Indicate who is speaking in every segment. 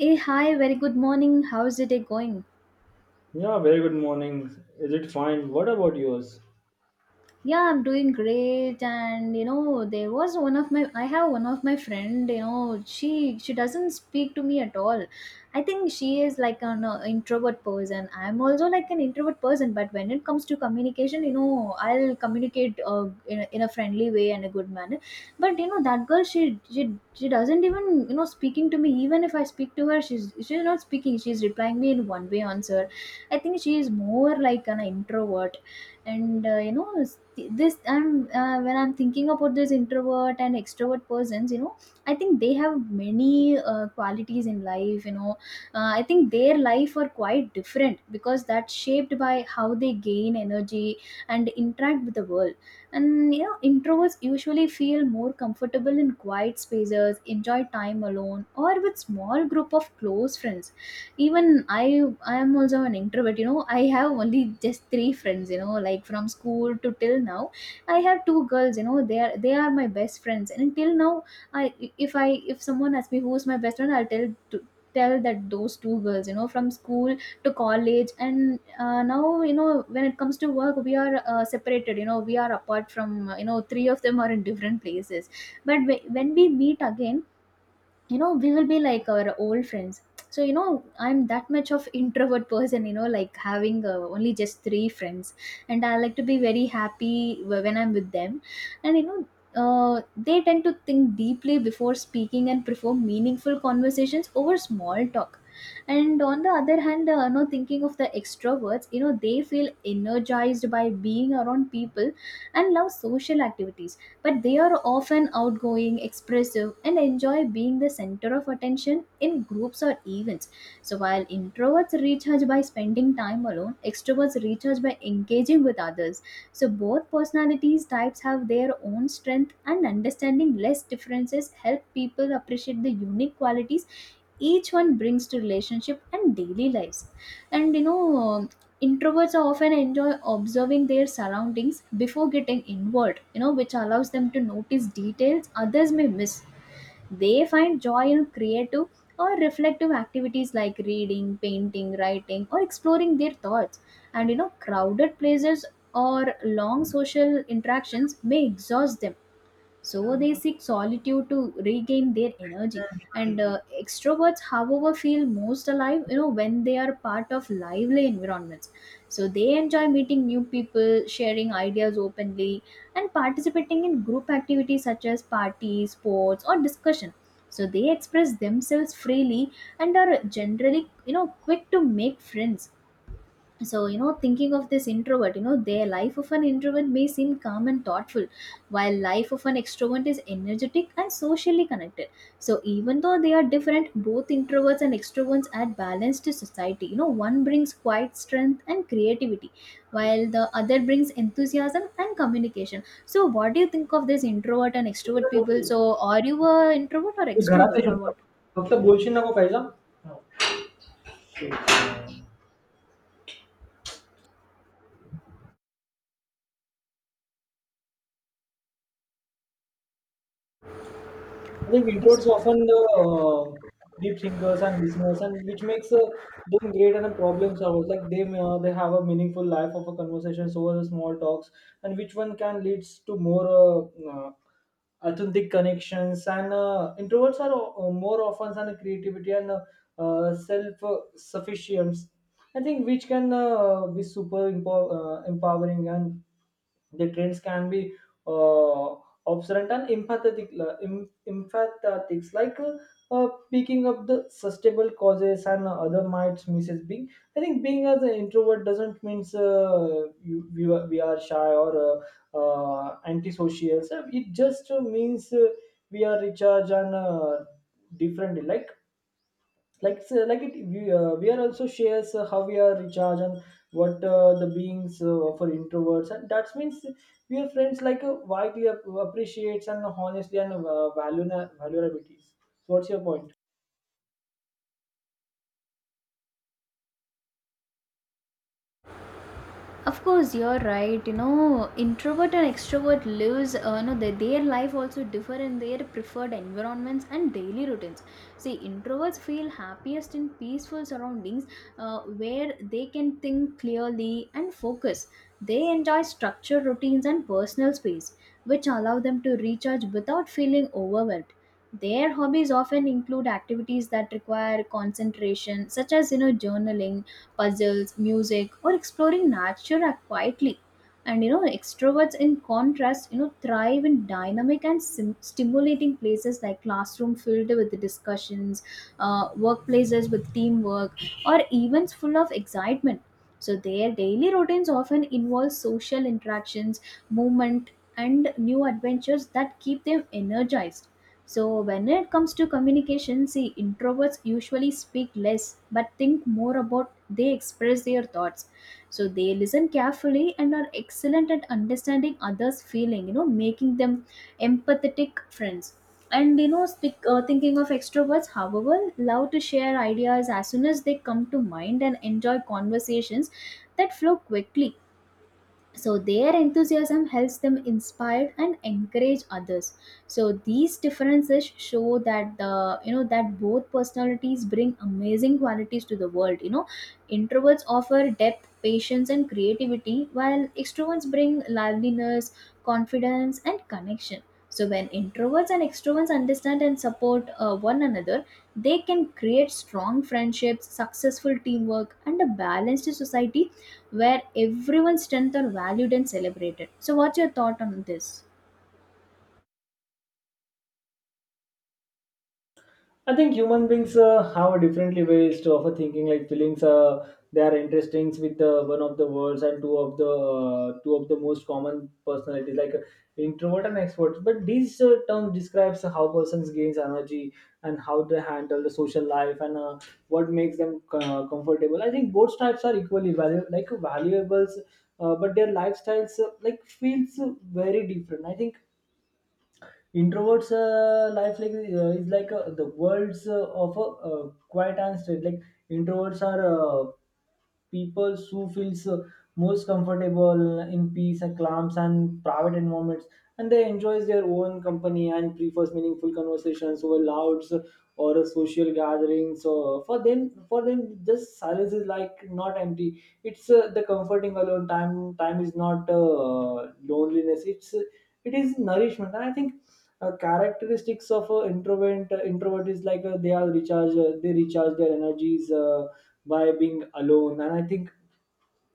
Speaker 1: Hey, hi, very good morning. How's the day going?
Speaker 2: Yeah, very good morning. Is it fine? What about yours?
Speaker 1: Yeah, I'm doing great. And you know there was one of my I have one of my friend, she doesn't speak to me at all. I think she is like an introvert person. I'm also like an introvert person. But when it comes to communication, I'll communicate in a friendly way and a good manner. But that girl, she doesn't even, speaking to me. Even if I speak to her, she's not speaking. She's replying me in one way answer. I think she is more like an introvert. And you know s- this and when I'm thinking about this introvert and extrovert persons, I think they have many qualities in life. I think their life are quite different because that's shaped by how they gain energy and interact with the world. And introverts usually feel more comfortable in quiet spaces, enjoy time alone or with small group of close friends. Even I am also an introvert. I have only just three friends, like from school to till now. I have two girls, they are my best friends. And till now, I if someone asks me who's my best friend, I'll tell that those two girls, from school to college. And now, when it comes to work, we are separated, we are apart from. Three of them are in different places. But when we meet again, we will be like our old friends. So, I'm that much of introvert person, like having only just three friends. And I like to be very happy when I'm with them. And they tend to think deeply before speaking and prefer meaningful conversations over small talk. And on the other hand, thinking of the extroverts, they feel energized by being around people and love social activities. But they are often outgoing, expressive, and enjoy being the center of attention in groups or events. So while introverts recharge by spending time alone, extroverts recharge by engaging with others. So both personalities types have their own strength and understanding less differences help people appreciate the unique qualities each one brings to relationship and daily lives. And introverts often enjoy observing their surroundings before getting involved, which allows them to notice details others may miss. They find joy in creative or reflective activities like reading, painting, writing, or exploring their thoughts. And crowded places or long social interactions may exhaust them, so they seek solitude to regain their energy. And extroverts, however, feel most alive, when they are part of lively environments. So they enjoy meeting new people, sharing ideas openly, and participating in group activities such as parties, sports, or discussion. So they express themselves freely and are generally, quick to make friends. So thinking of this introvert, their life of an introvert may seem calm and thoughtful, while life of an extrovert is energetic and socially connected. So even though they are different, both introverts and extroverts add balance to society. One brings quiet strength and creativity, while the other brings enthusiasm and communication. So what do you think of this introvert and extrovert people?
Speaker 2: Me
Speaker 1: So are you a introvert or
Speaker 2: घरात आहे
Speaker 1: extrovert, or
Speaker 2: चुपचाप
Speaker 1: what?
Speaker 2: फक्त बोलशील नको काही. I think introverts often the deep thinkers and listeners, and which makes them great and a problem solvers. Like they have a meaningful life of a conversations over the small talks, and which one can leads to more authentic connections. And introverts are more often and creativity and self sufficiency. I think which can be super empowering and the trends can be uh, observant and empathetics, like picking up the sustainable causes and other mites misses being. I think being as an introvert doesn't mean we are shy or antisocial. So it just means we are recharged and different. Like it we are also shares how we are recharge, and what the beings for introverts, and that means we are friends like widely appreciates and honestly and value value abilities. So what's your point?
Speaker 1: Of course, you're right. Introvert and extrovert lives, no, their life also differ in their preferred environments and daily routines. See, introverts feel happiest in peaceful surroundings, where they can think clearly and focus. They enjoy structured routines and personal space, which allow them to recharge without feeling overwhelmed. Their hobbies often include activities that require concentration, such as, journaling, puzzles, music, or exploring nature quietly. And extroverts, in contrast, thrive in dynamic and stimulating places like classroom filled with discussions, workplaces with teamwork, or events full of excitement. So their daily routines often involve social interactions, movement, and new adventures that keep them energized. So, when it comes to communication, see, introverts usually speak less but think more about they express their thoughts. So, they listen carefully and are excellent at understanding others' feeling, making them empathetic friends. And thinking of extroverts, however, love to share ideas as soon as they come to mind and enjoy conversations that flow quickly. So their enthusiasm helps them inspire and encourage others. So these differences show that the you know that both personalities bring amazing qualities to the world. Introverts offer depth, patience, and creativity, while extroverts bring liveliness, confidence, and connection. So when introverts and extroverts understand and support one another, they can create strong friendships, successful teamwork, and a balanced society where everyone's strength are valued and celebrated. So, what's your thought on this?
Speaker 2: I think human beings have a differently ways of a thinking. Like feelings, they are interesting with one of the words and two of the most common personalities, like introvert and extrovert. But these terms describes how persons gains energy and how they handle the social life, and what makes them comfortable. I think both types are equally valuable, like valuables, but their lifestyles like feels very different. I think introverts life is like the worlds of a quiet and straight. Like introverts are people who feels most comfortable in peace and calms and private environments, and they enjoys their own company and prefers meaningful conversations over louds or a social gathering. So for them just silence is like not empty, it's the comforting alone time. Time is not loneliness, it's it is nourishment. And I think characteristics of introvert is like they are recharge, they recharge their energies by being alone. And I think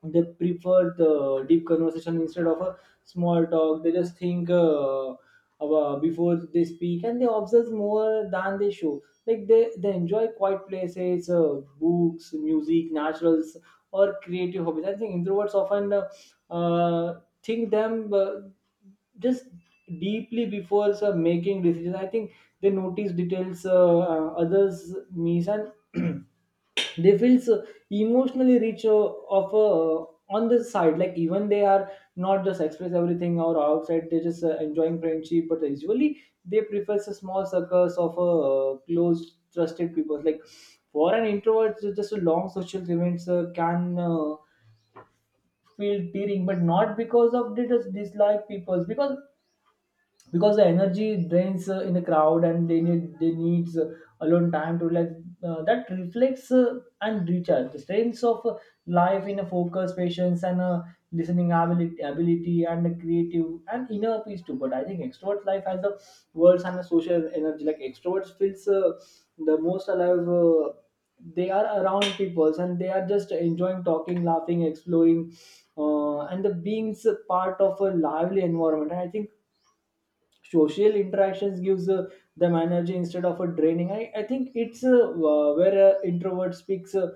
Speaker 2: they prefer the deep conversation instead of a small talk. They just think about before they speak, and they observe more than they show. Like they enjoy quiet places, books, music, naturals, or creative hobbies. I think introverts often uh, think them just deeply before making decisions. I think they notice details others miss, and they feel so emotionally rich of on the side. Like even they are not just express everything or outside. They just enjoying friendship, but usually they prefer small circles of close, trusted people. Like for an introvert, just a long social events can feel tearing, but not because of dislike people's, because the energy drains in the crowd, and they needs alone time to relax, that reflects, and recharge the strengths of life in a focus, patience, and listening ability and a creative and inner peace too. But I think extrovert life has the words and a social energy. Like extroverts feels the most alive, they are around people, and they are just enjoying talking, laughing, exploring, and the being part of a lively environment. And I think social interactions gives them energy instead of a draining. I think it's where introvert speaks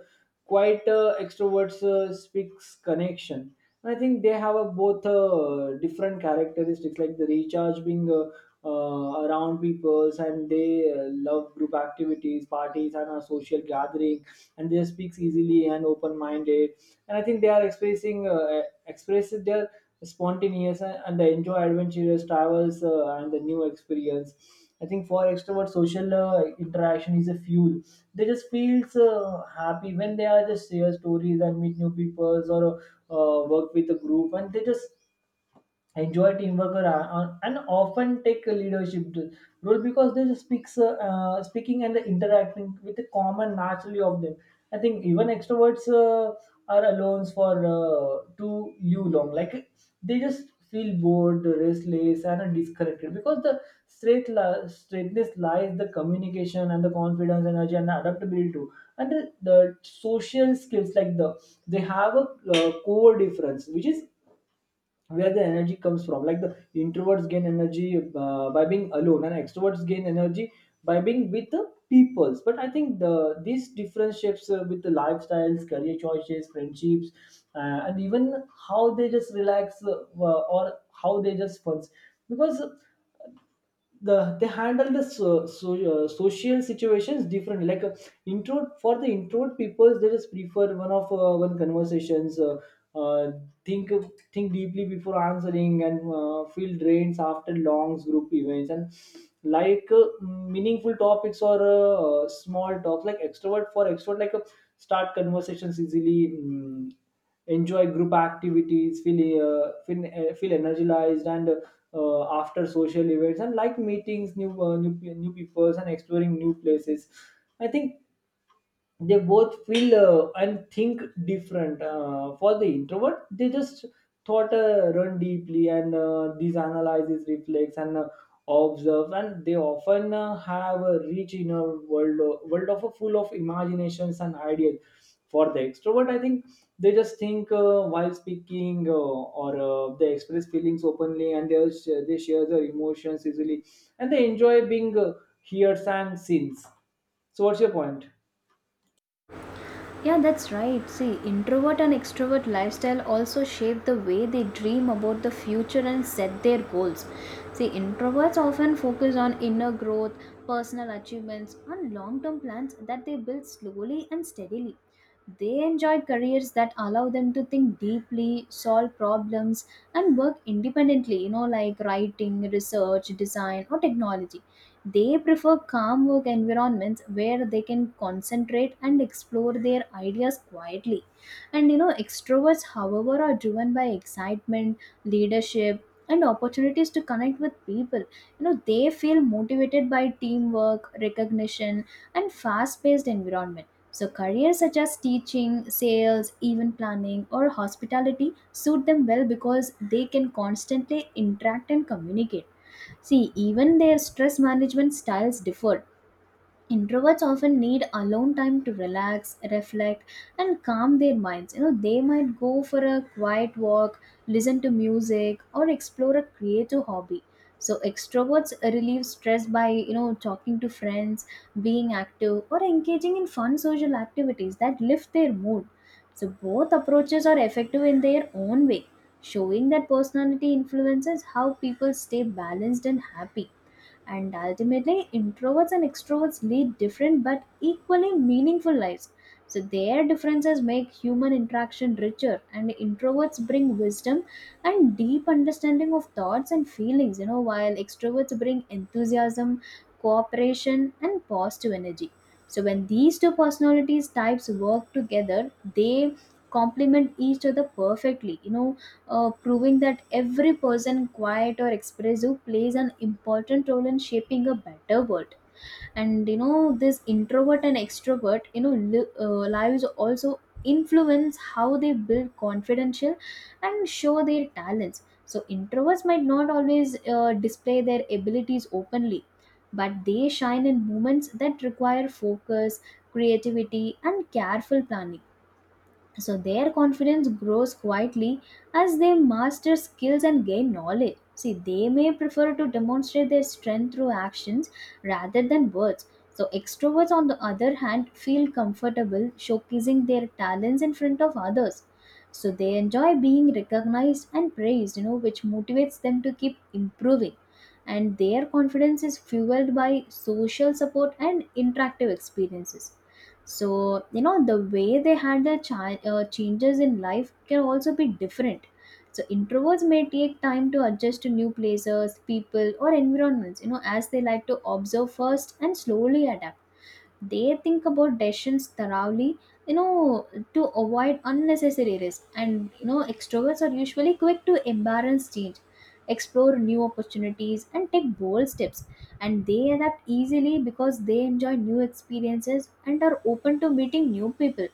Speaker 2: quite extroverts speaks connection. And I think they have a both different characteristics, like the recharge being around peoples. And they love group activities, parties, and a social gathering, and they speak easily and open-minded. And I think they are expressing their spontaneous, and they enjoy adventurous travels, and the new experience. I think for extrovert social interaction is a fuel. They just feels happy when they are just share stories and meet new people, or work with a group. And they just enjoy teamwork or and often take a leadership role, because they just speaks speaking and interacting with the common naturally of them. I think even extroverts are alone for too you long. Like they just feel bored, restless, and are disconnected, because the straightness lies the communication and the confidence, energy, and adaptability too, and the social skills. Like the they have a core difference, which is where the energy comes from. Like the introverts gain energy by being alone, and extroverts gain energy by being with the peoples. But I think the these different shapes with the lifestyles, career choices, friendships, and even how they just relax, or how they just funs, because the they handle the social situations different. Like introvert, for the introvert people, they just prefer one conversations, uh, think think deeply before answering, and feel drains after long group events, and like meaningful topics, or small talks. Like extrovert, for extrovert, like start conversations easily, enjoy group activities, feel feel energized, and after social events, and like meetings, new peoples, and exploring new places. I think they both feel and think different, for the introvert they just thought run deeply, and these analyzes reflects, and observe, and they often have a rich inner world, world of a full of imaginations and ideas. For the extrovert, I think they just think while speaking, or they express feelings openly, and they share their emotions easily, and they enjoy being heard and seen. So what's your point?
Speaker 1: Yeah, that's right. See, introvert and extrovert lifestyle also shape the way they dream about the future and set their goals. See, introverts often focus on inner growth, personal achievements, and long term plans that they build slowly and steadily. They enjoy careers that allow them to think deeply, solve problems, and work independently, like writing, research, design, or technology. They prefer calm work environments where they can concentrate and explore their ideas quietly. And extroverts, however, are driven by excitement, leadership, and opportunities to connect with people. They feel motivated by teamwork, recognition, and fast paced environment. So, careers such as teaching, sales, event planning, or hospitality suit them well because they can constantly interact and communicate. See, even their stress management styles differ. Introverts often need alone time to relax, reflect, and calm their minds. They might go for a quiet walk, listen to music, or explore a creative hobby. So extroverts relieve stress by, talking to friends, being active, or engaging in fun social activities that lift their mood. So both approaches are effective in their own way, showing that personality influences how people stay balanced and happy. And ultimately, introverts and extroverts lead different but equally meaningful lives. So, their differences make human interaction richer, and introverts bring wisdom and deep understanding of thoughts and feelings, while extroverts bring enthusiasm, cooperation, and positive energy. So, when these two personalities types work together, they complement each other perfectly, proving that every person, quiet or expressive, plays an important role in shaping a better world. And this introvert and extrovert, lives also influence how they build confidential and show their talents. So introverts might not always display their abilities openly, but they shine in moments that require focus, creativity, and careful planning. So their confidence grows quietly as they master skills and gain knowledge. See, they may prefer to demonstrate their strength through actions rather than words. So extroverts, on the other hand, feel comfortable showcasing their talents in front of others. So they enjoy being recognized and praised, which motivates them to keep improving. And their confidence is fueled by social support and interactive experiences. So the way they handle changes in life can also be different. So introverts may take time to adjust to new places, people, or environments, as they like to observe first and slowly adapt. They think about decisions thoroughly, you know to avoid unnecessary risk. And extroverts are usually quick to embrace change, explore new opportunities, and take bold steps. And they adapt easily because they enjoy new experiences and are open to meeting new people.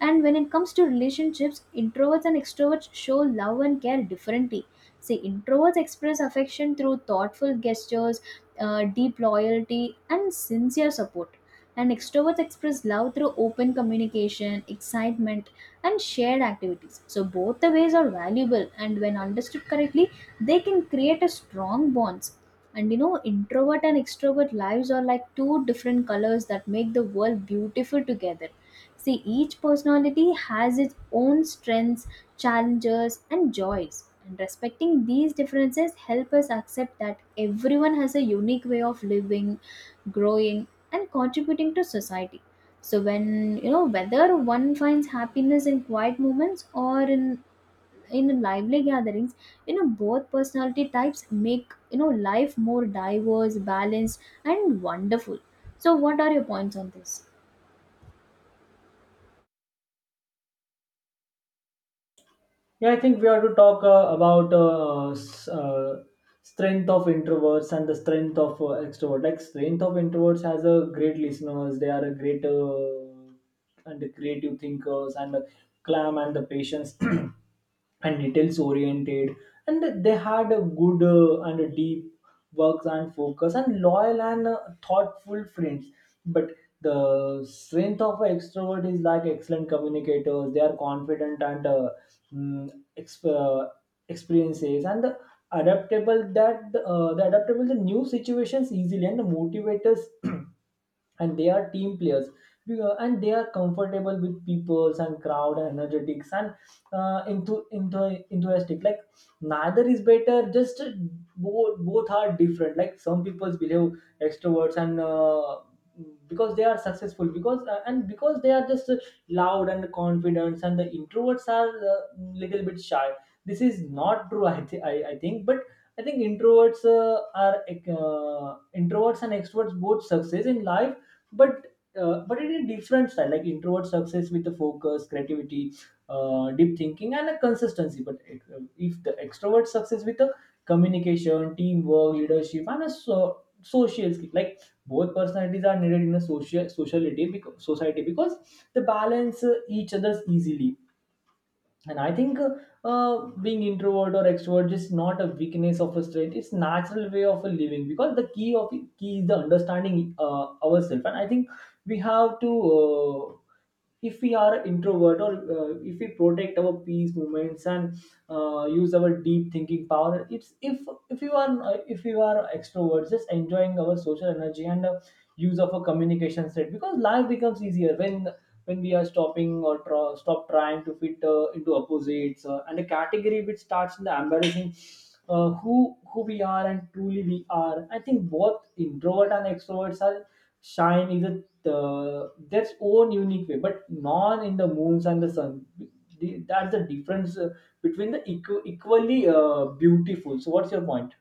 Speaker 1: And when it comes to relationships, introverts and extroverts show love and care differently. See, introverts express affection through thoughtful gestures, deep loyalty, and sincere support. And extroverts express love through open communication, excitement, and shared activities. So, both the ways are valuable, and when understood correctly, they can create a strong bonds. And introvert and extrovert lives are like two different colors that make the world beautiful together. See, each personality has its own strengths, challenges, and joys. And respecting these differences help us accept that everyone has a unique way of living, growing, and contributing to society. So when, whether one finds happiness in quiet moments or in lively gatherings, both personality types make, life more diverse, balanced, and wonderful. So what are your points on this?
Speaker 2: Yeah, I think we have to talk about strength of introverts and the strength of extroverts. Like strength of introverts has a great listeners. They are a great and creative thinkers, and clam and the patience. And details oriented, and they had a good and a deep works and focus, and loyal and thoughtful friends. But the strength of an extrovert is like excellent communicators. They are confident and mm, exp- uh, experiences and the adaptable, that the adaptable the new situations easily, and the motivators and they are team players. And they are comfortable with peoples and crowd and energetics and into enthusiastic. Like neither is better, just both are different. Like some people behave extroverts, and because they are successful, because and because they are just loud and confident, and the introverts are uh, little bit shy. This is not true. I think. But I think introverts are uh, introverts and extroverts both success in life, but but in a different style. Like introvert success with the focus, creativity, deep thinking and a consistency. But if the extrovert success with the communication, teamwork, leadership, and a social skill. Like both personalities are needed in a social sociality, because society, because they balance each other's easily. And I think being introvert or extrovert is not a weakness of a trait, it's natural way of a living, because the key of key is the understanding ourselves. And I think we have to if we are introvert, or if we protect our peace moments and use our deep thinking power. It's if you are if you are extroverts, just enjoying our social energy, and use of a communication set, because life becomes easier when we are stopping, or stop trying to fit into opposites, and a category, which starts in the embarrassing who we are and truly we are. I think both introvert and extroverts are shine is a their own unique way, but none in the moons and the sun. That's the difference between the equally beautiful. So what's your point?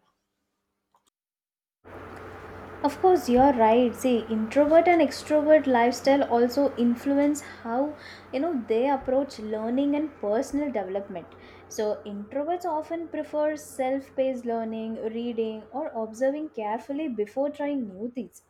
Speaker 1: Of course, you're right. See, introvert and extrovert lifestyle also influence how they approach learning and personal development. So, introverts often prefer self-paced learning, reading, or observing carefully before trying new things.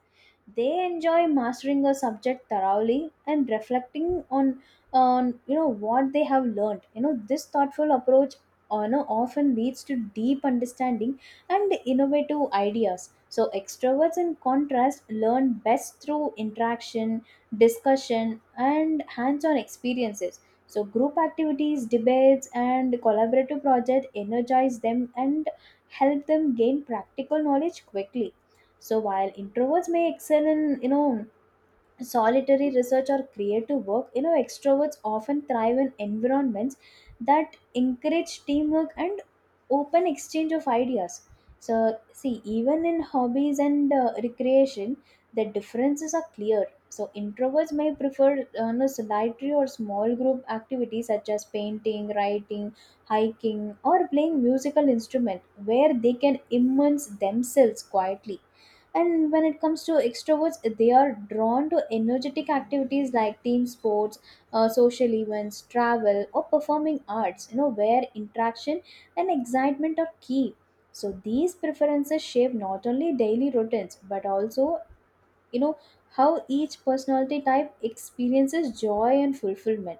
Speaker 1: They enjoy mastering a subject thoroughly and reflecting on what they have learned. You know, this thoughtful approach often leads to deep understanding and innovative ideas. So, extroverts, in contrast, learn best through interaction, discussion, and hands on experiences. So, group activities, debates, and collaborative projects energize them and help them gain practical knowledge quickly. So, while introverts may excel in, you know, solitary research or creative work, you know, extroverts often thrive in environments that encourage teamwork and open exchange of ideas. So, see, even in hobbies and recreation, the differences are clear. So, introverts may prefer no, solitary or small group activities such as painting, writing, hiking, or playing musical instrument where they can immerse themselves quietly. And when it comes to extroverts, they are drawn to energetic activities like team sports, social events, travel, or performing arts, you know, where interaction and excitement are key. So these preferences shape not only daily routines but also, you know, how each personality type experiences joy and fulfillment.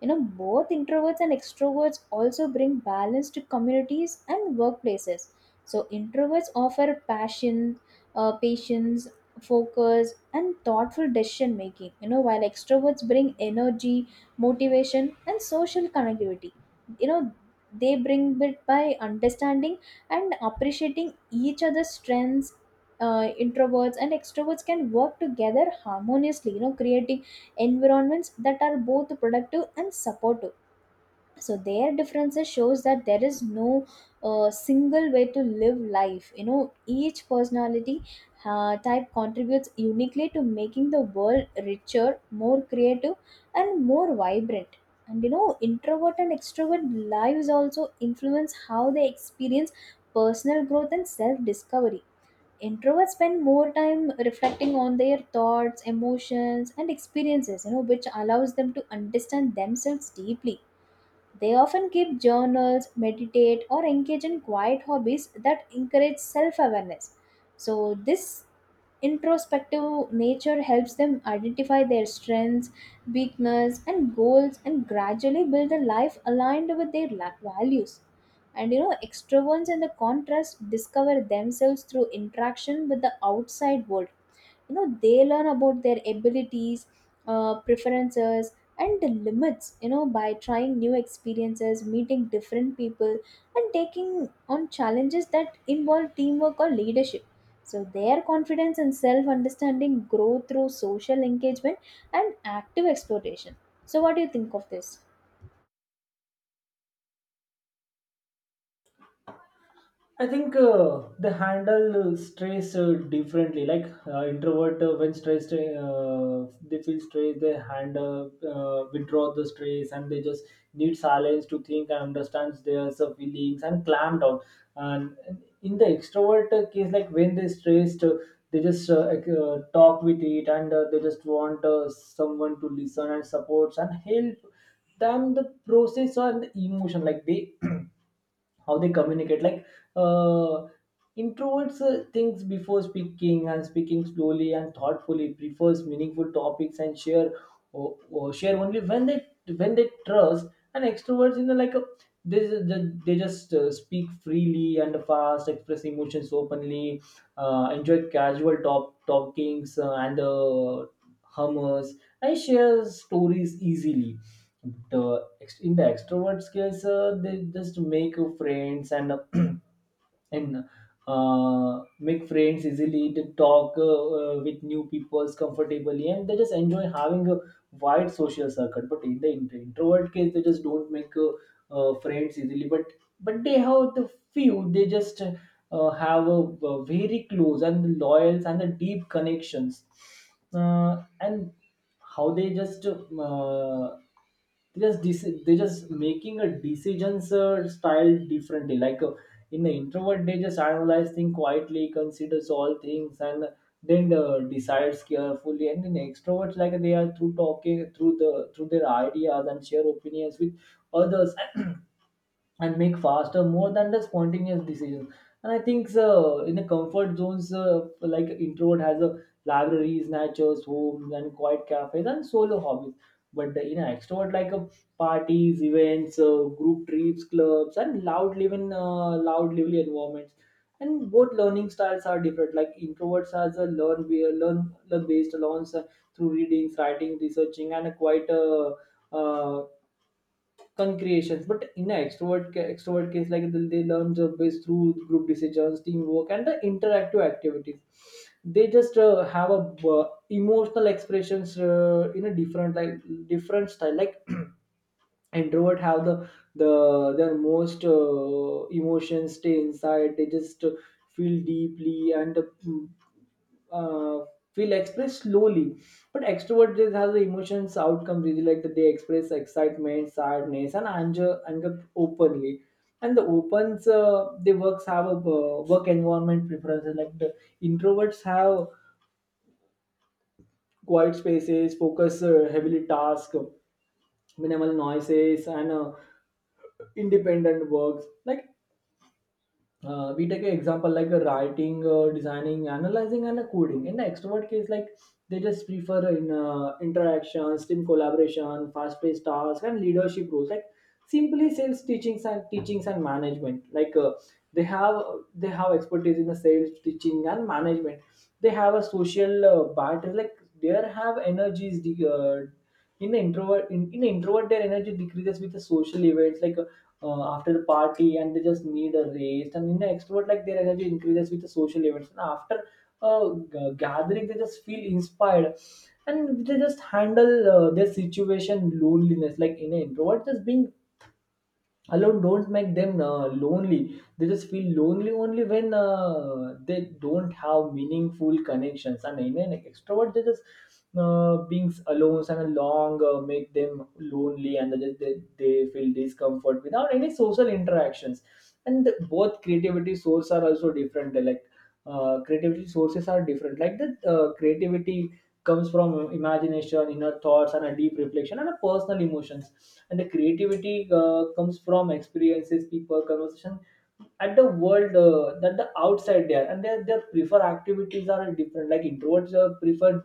Speaker 1: You know, both introverts and extroverts also bring balance to communities and workplaces. So, introverts offer passion, patience, focus, and thoughtful decision making, you know, while extroverts bring energy, motivation, and social connectivity. You know, they bring it by understanding and appreciating each other's strengths. Introverts and extroverts can work together harmoniously, you know, creating environments that are both productive and supportive. So their differences shows that there is no single way to live life. You know, each personality type contributes uniquely to making the world richer, more creative, and more vibrant. And you know, introvert and extrovert lives also influence how they experience personal growth and self discovery. Introverts spend more time reflecting on their thoughts, emotions, and experiences, you know, which allows them to understand themselves deeply. They often keep journals, meditate, or engage in quiet hobbies that encourage self awareness. So, this introspective nature helps them identify their strengths, weakness, and goals and gradually build a life aligned with their values. And you know, extroverts, in the contrast, discover themselves through interaction with the outside world. You know, they learn about their abilities, preferences, and the limits, you know, by trying new experiences, meeting different people, and taking on challenges that involve teamwork or leadership. So their confidence and self understanding grow through social engagement and active exploitation. So what do you think of this?
Speaker 2: I think they handle stress differently. Like introvert, when stressed, they feel stress. They handle, withdraw the stress, and they just need silence to think and understand their feelings and clam down. And in the extrovert case, like when they stressed, they just talk with it, and they just want someone to listen and supports and help them the process and the emotion. Like they, how they communicate, like uh, introverts thinks before speaking and speaking slowly and thoughtfully, prefers meaningful topics and share or share only when they trust. And extroverts, you know, like a, they, they just speak freely and fast, express emotions openly, enjoy casual talkings, and hummers, and share stories easily. In the extrovert skills, they just make friends and and make friends easily. They talk, with new people comfortably, and they just enjoy having a wide social circle. But in the introvert case, they just don't make friends easily, but they have the few. They just have a very close and loyal and the deep connections. And how they just they just making a decisions style differently. In the introvert, they just analyze things quietly, considers all things, and then decides carefully. And in extroverts, like, they are through talking through the through their ideas and share opinions with others and make faster more than the spontaneous decisions. And I think so. In the comfort zones, like introvert has a libraries, natures, homes, and quiet cafes, and solo hobbies. But the, you know, extrovert, like a, parties, events, group trips, clubs, and loud lively environments. And both learning styles are different. Like introverts has a learn based learns, through readings, writing, researching, and a quite, uh, concreations. But in an extrovert extrovert case, like they learn job based through group decisions, teamwork, and the interactive activities. They just have a, emotional expressions in a different, like, different style. Like introvert have the their most emotions stay inside. They just feel deeply and mm, uh, feel expressed slowly. But extrovert just has the emotions outcomes really, like that they express excitement, sadness, and anger openly. And the opens, they works have a, work environment preferences. Like the introverts have quiet spaces, focus, heavily task, minimal noises, and independent works. Like, we take an example like a writing, designing, analyzing, and a coding. In the extrovert case, like, they just prefer in interactions, team collaboration, fast-paced tasks, and leadership roles. Like simply sales, teachings, and management. Like, they have, they have expertise in the sales, teaching, and management. They have a social, battery. Like they have energies, in the introvert, in the introvert, their energy decreases with the social events. Like, after the party, and they just need a rest. And in the extrovert, like, their energy increases with the social events, and after gathering, they just feel inspired. And they just handle their situation loneliness. Like in an introvert, just being alone don't make them lonely. They just feel lonely only when they don't have meaningful connections. And in an extrovert, they just being alone and along make them lonely, and they feel discomfort without any social interactions. And both creativity source are also different. Like, creativity sources are different like the creativity comes from imagination, inner thoughts, and a deep reflection, and a personal emotions. And the creativity comes from experiences, people, conversation, at the world, that the outside there. And their prefer activities are different. Like introverts prefer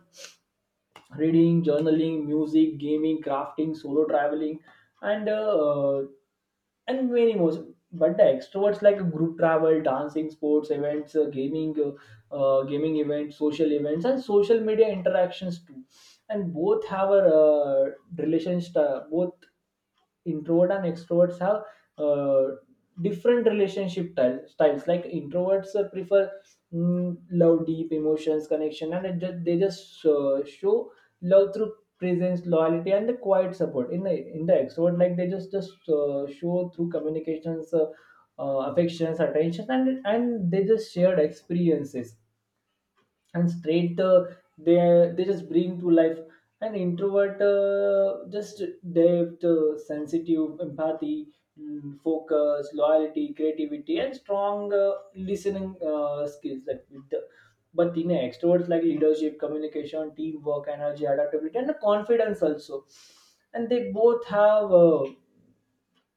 Speaker 2: reading, journaling, music, gaming, crafting, solo traveling, and uh, and many more. But the extroverts like group travel, dancing, sports events, gaming, gaming events, social events, and social media interactions too. And both have a, relationship. Both introvert and extroverts have, uh, different styles. Like introverts prefer love, deep emotions connection, and it just, they just show love through presence, loyalty, and the quiet support. In the extrovert, like, they just show through communications, affections, attention, and they just shared experiences. And straight, they they just bring to life. An introvert, just depth, sensitive empathy, focus, loyalty, creativity, and strong, listening, skills, like with the, but in extroverts, like leadership, communication, teamwork, energy, adaptability, and confidence also. And they both have,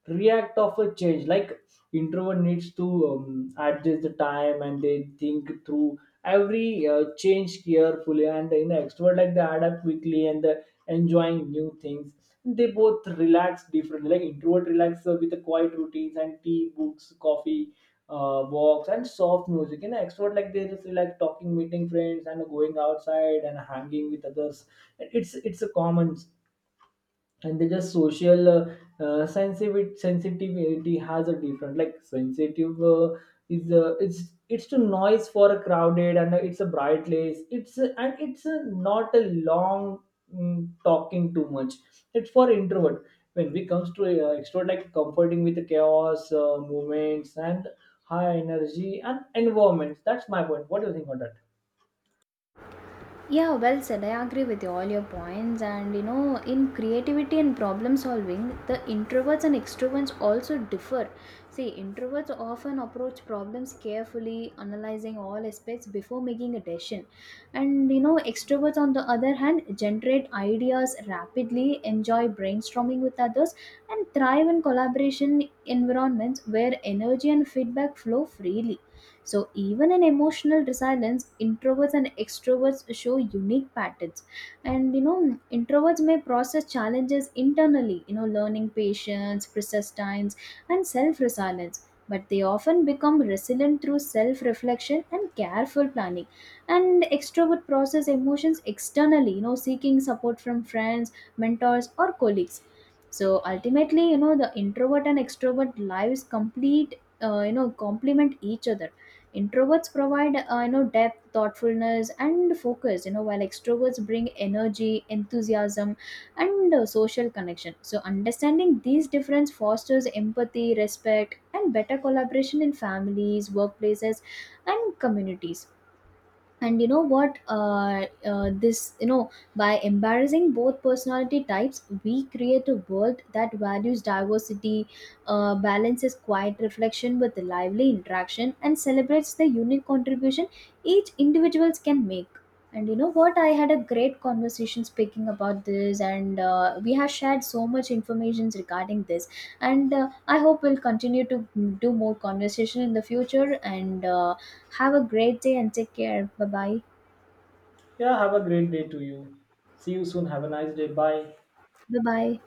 Speaker 2: react of a change. Like, introvert needs to adjust the time, and they think through every change carefully. And you know, extrovert, like they adapt quickly and they enjoying new things. They both relax differently. Like introvert relax with the quiet routines and tea, books, coffee, walks, and soft music. You know extrovert, like they just like talking, meeting friends, and going outside, and hanging with others. It's a common. And they just social, sensitivity has a different. Like sensitive, is it's to noise, for a crowded, and it's a bright place. And it's a, not a long, talking too much. It's for introvert. When we comes to extrovert, like comforting with the chaos, movements, and high energy and environments. That's my point. What do you think on that?
Speaker 1: Yeah, well said. I agree with you, all your points. And you know, in creativity and problem solving, the introverts and extroverts also differ. See, introverts often approach problems carefully, analyzing all aspects before making a decision. And you know, extroverts, on the other hand, generate ideas rapidly, enjoy brainstorming with others, and thrive in collaboration environments where energy and feedback flow freely. So, even in emotional resilience, introverts and extroverts show unique patterns. And you know, introverts may process challenges internally, you know, learning patience, persistence, and self resilience. But they often become resilient through self reflection and careful planning. And extrovert process emotions externally, you know, seeking support from friends, mentors, or colleagues. So ultimately, you know, the introvert and extrovert lives complete, you know, complement each other. Introverts provide you know, depth, thoughtfulness, and focus, you know, while extroverts bring energy, enthusiasm, and social connection. So understanding these differences fosters empathy, respect, and better collaboration in families, workplaces, and communities. And you know what, this, you know, by embarrassing both personality types, we create a world that values diversity, balances quiet reflection with lively interaction, and celebrates the unique contribution each individuals can make. And you know what, I had a great conversation speaking about this, and we have shared so much information regarding this. And I hope we'll continue to do more conversation in the future. And have a great day and take care. Bye bye.
Speaker 2: Yeah, have a great day to you. See you soon, have a nice day. Bye.
Speaker 1: Bye bye.